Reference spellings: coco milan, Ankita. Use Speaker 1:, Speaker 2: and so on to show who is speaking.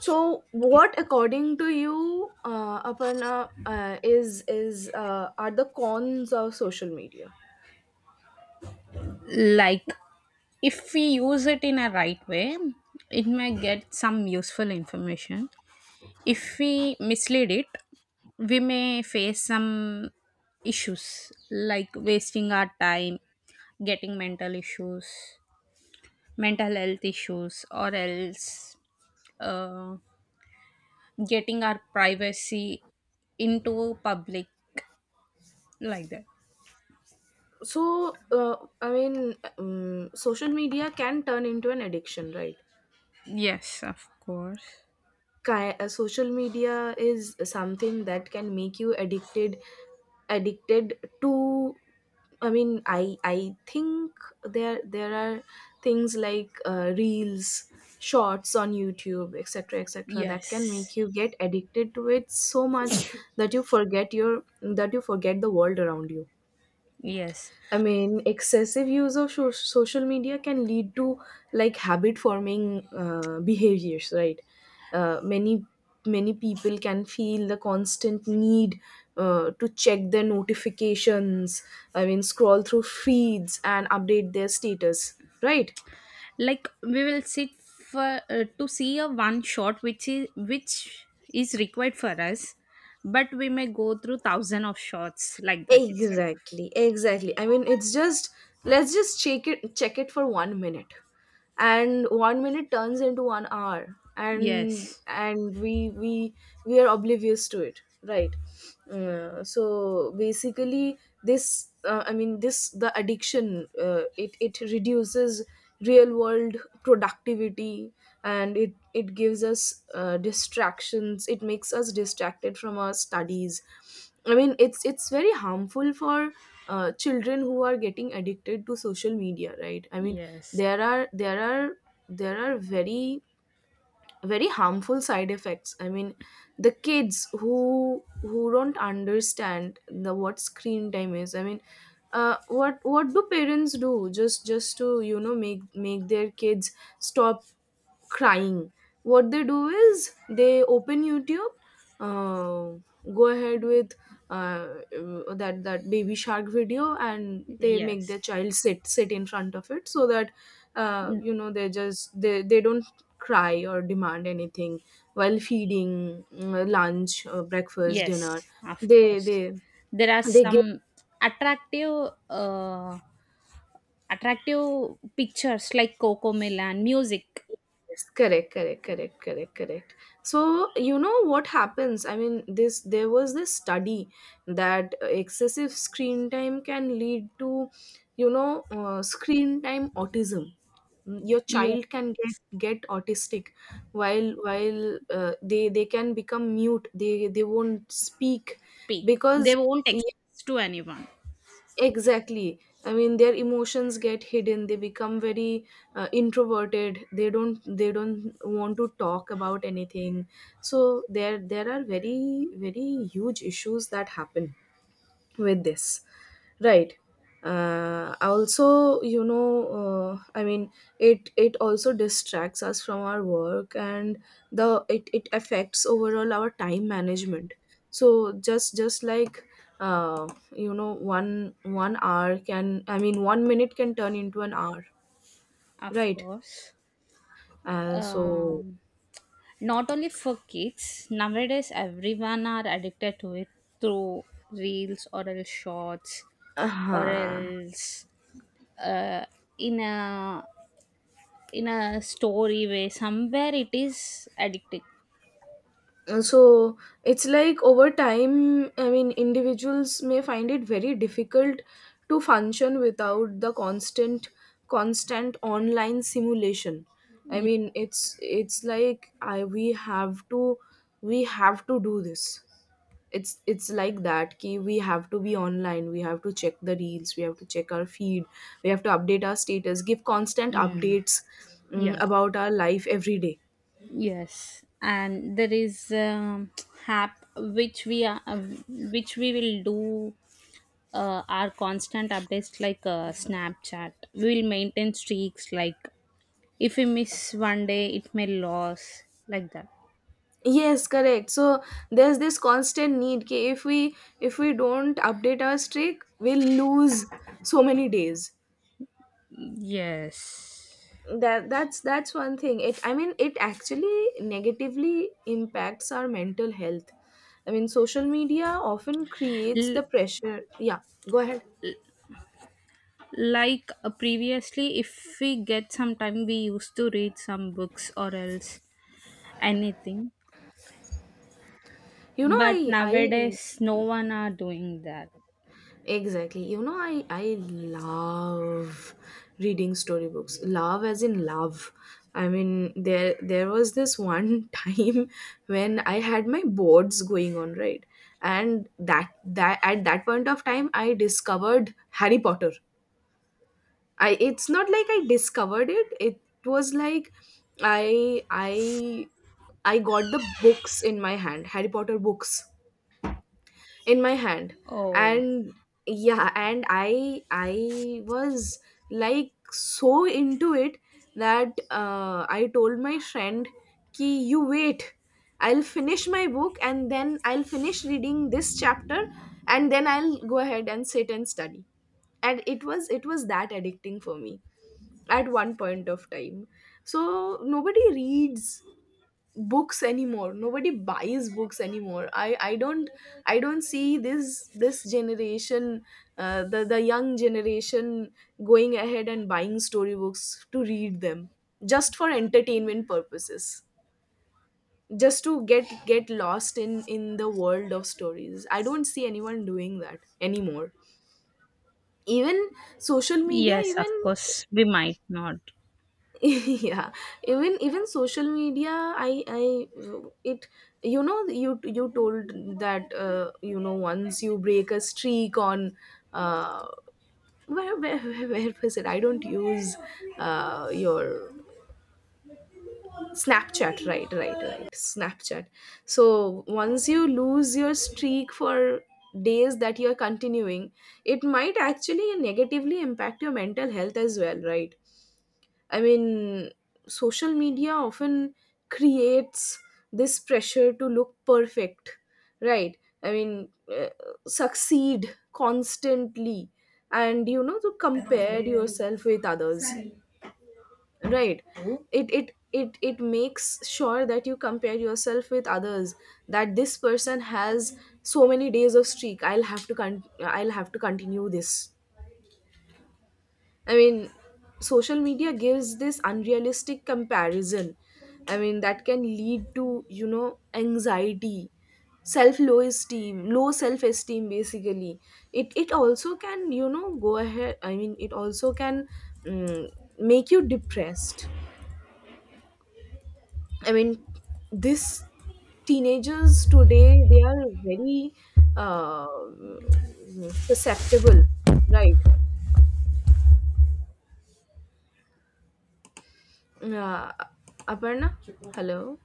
Speaker 1: So, what, according to you, Aparna, is are the cons of social media?
Speaker 2: Like, if we use it in a right way, it may get some useful information. If we mislead it, we may face some issues like wasting our time, getting mental issues, mental health issues, or else uh, getting our privacy into public, like that.
Speaker 1: So, I mean, social media can turn into an addiction, right?
Speaker 2: Yes, of course.
Speaker 1: Social media is something that can make you addicted, addicted to. I mean, I think there are things like reels, shorts on YouTube, etc., etc., that can
Speaker 2: Yes.
Speaker 1: make you get addicted to it so much that you forget your that you forget the world around you.
Speaker 2: Yes,
Speaker 1: I mean, excessive use of social media can lead to like habit forming behaviors, right? Uh, many many people can feel the constant need to check their notifications. I mean, scroll through feeds and update their status, right?
Speaker 2: like we will sit for to see a one shot which is required for us, but we may go through thousand of shots like that itself.
Speaker 1: Exactly, exactly. I mean, it's just let's just check it for 1 minute. And 1 minute turns into 1 hour and
Speaker 2: Yes.
Speaker 1: and we are oblivious to it, right? So basically this I mean this the addiction it reduces real world productivity. And it gives us distractions. It makes us distracted from our studies. I mean it's very harmful for children who are getting addicted to social media, right? I mean
Speaker 2: Yes.
Speaker 1: there are there are there are very, very harmful side effects. I mean the kids who don't understand the what screen time is. I mean what do parents do, just to you know make their kids stop crying. What they do is they open YouTube, uh, go ahead with uh, that baby shark video, and they make
Speaker 2: Yes.
Speaker 1: their child sit in front of it so that
Speaker 2: Mm,
Speaker 1: they just they don't cry or demand anything while feeding lunch, breakfast,
Speaker 2: yes,
Speaker 1: dinner.
Speaker 2: of
Speaker 1: They
Speaker 2: course.
Speaker 1: they
Speaker 2: There are
Speaker 1: they give.
Speaker 2: some attractive attractive pictures like coco milan music.
Speaker 1: Yes, correct, correct, correct, correct, correct. So you know what happens? I mean, this there was this study that excessive screen time can lead to, you know, screen time autism. Your
Speaker 2: Yes,
Speaker 1: child can get autistic, while they can become mute. They won't speak
Speaker 2: speak, they
Speaker 1: because.
Speaker 2: won't express to anyone.
Speaker 1: Exactly. I mean, their emotions get hidden. They become very introverted. They don't. They don't want to talk about anything. So there are very, very huge issues that happen with this. Right. Also, I mean, it also distracts us from our work, and the it it affects overall our time management. So just like uh, one hour can. I mean, one minute can turn into an hour,
Speaker 2: Of
Speaker 1: right?
Speaker 2: course.
Speaker 1: Uh, so.
Speaker 2: um Not only for kids, nowadays everyone are addicted to it through reels or else shorts, or
Speaker 1: Uh-huh.
Speaker 2: else uh, in a in a story way, somewhere it is addicting.
Speaker 1: So it's like over time. I mean individuals may find it very difficult to function without the constant online simulation. I
Speaker 2: Ye-
Speaker 1: mean it's like I we have to do this. It's like that, ki we have to be online, we have to check the reels, we have to check our feed, we have to update our status, give constant
Speaker 2: mm.
Speaker 1: updates
Speaker 2: Yes.
Speaker 1: about our life every day.
Speaker 2: Yes, and there is app which we are which we will do our constant updates, like Snapchat, we will maintain streaks like, if we miss one day, it may lose like that.
Speaker 1: Yes, correct. So there's this constant need कि if we don't update our streak, we'll lose so many days.
Speaker 2: Yes.
Speaker 1: That's one thing. It I mean it actually negatively impacts our mental health. I mean social media often creates
Speaker 2: L-
Speaker 1: the pressure. Yeah, go ahead.
Speaker 2: like previously, if we get some time, we used to read some books or else anything.
Speaker 1: You know
Speaker 2: But
Speaker 1: I
Speaker 2: nowadays, no one are doing that.
Speaker 1: Exactly. You know, I love reading storybooks. Love as in love. I mean, there was this one time when I had my boards going on, right? And that that at that point of time, I discovered Harry Potter. I It's not like I discovered it. It was like I I I got the books in my hand, Harry Potter books in my hand.
Speaker 2: Oh,
Speaker 1: And yeah, and I was like so into it that I told my friend, ki you wait, I'll finish my book, and then I'll finish reading this chapter, and then I'll go ahead and sit and study. And it was that addicting for me at one point of time. So nobody reads books anymore. Nobody buys books anymore. I don't. I don't see this generation, the young generation going ahead and buying storybooks to read them, just for entertainment purposes, just to get lost in the world of stories. I don't see anyone doing that anymore. Even social media,
Speaker 2: yes, of
Speaker 1: even.
Speaker 2: course, we might not.
Speaker 1: Yeah, even social media. I it You know, you told that you know, once you break a streak on uh where was it? I don't use your Snapchat. Right, right, right. Snapchat. So once you lose your streak for days that you're continuing, it might actually negatively impact your mental health as well, right? I mean, social media often creates this pressure to look perfect, right? I mean, succeed constantly, and to compare yourself with others, right? It makes sure that you compare yourself with others, that this person has so many days of streak. I'll have to I'll have to continue this. I mean, social media gives this unrealistic comparison. I mean, that can lead to, anxiety, self low esteem, low self esteem basically. It also can, you know, go ahead. I mean, it also can mm, make you depressed. I mean, this teenagers today, they are very uh, susceptible, right? Uh, Aparna, hello.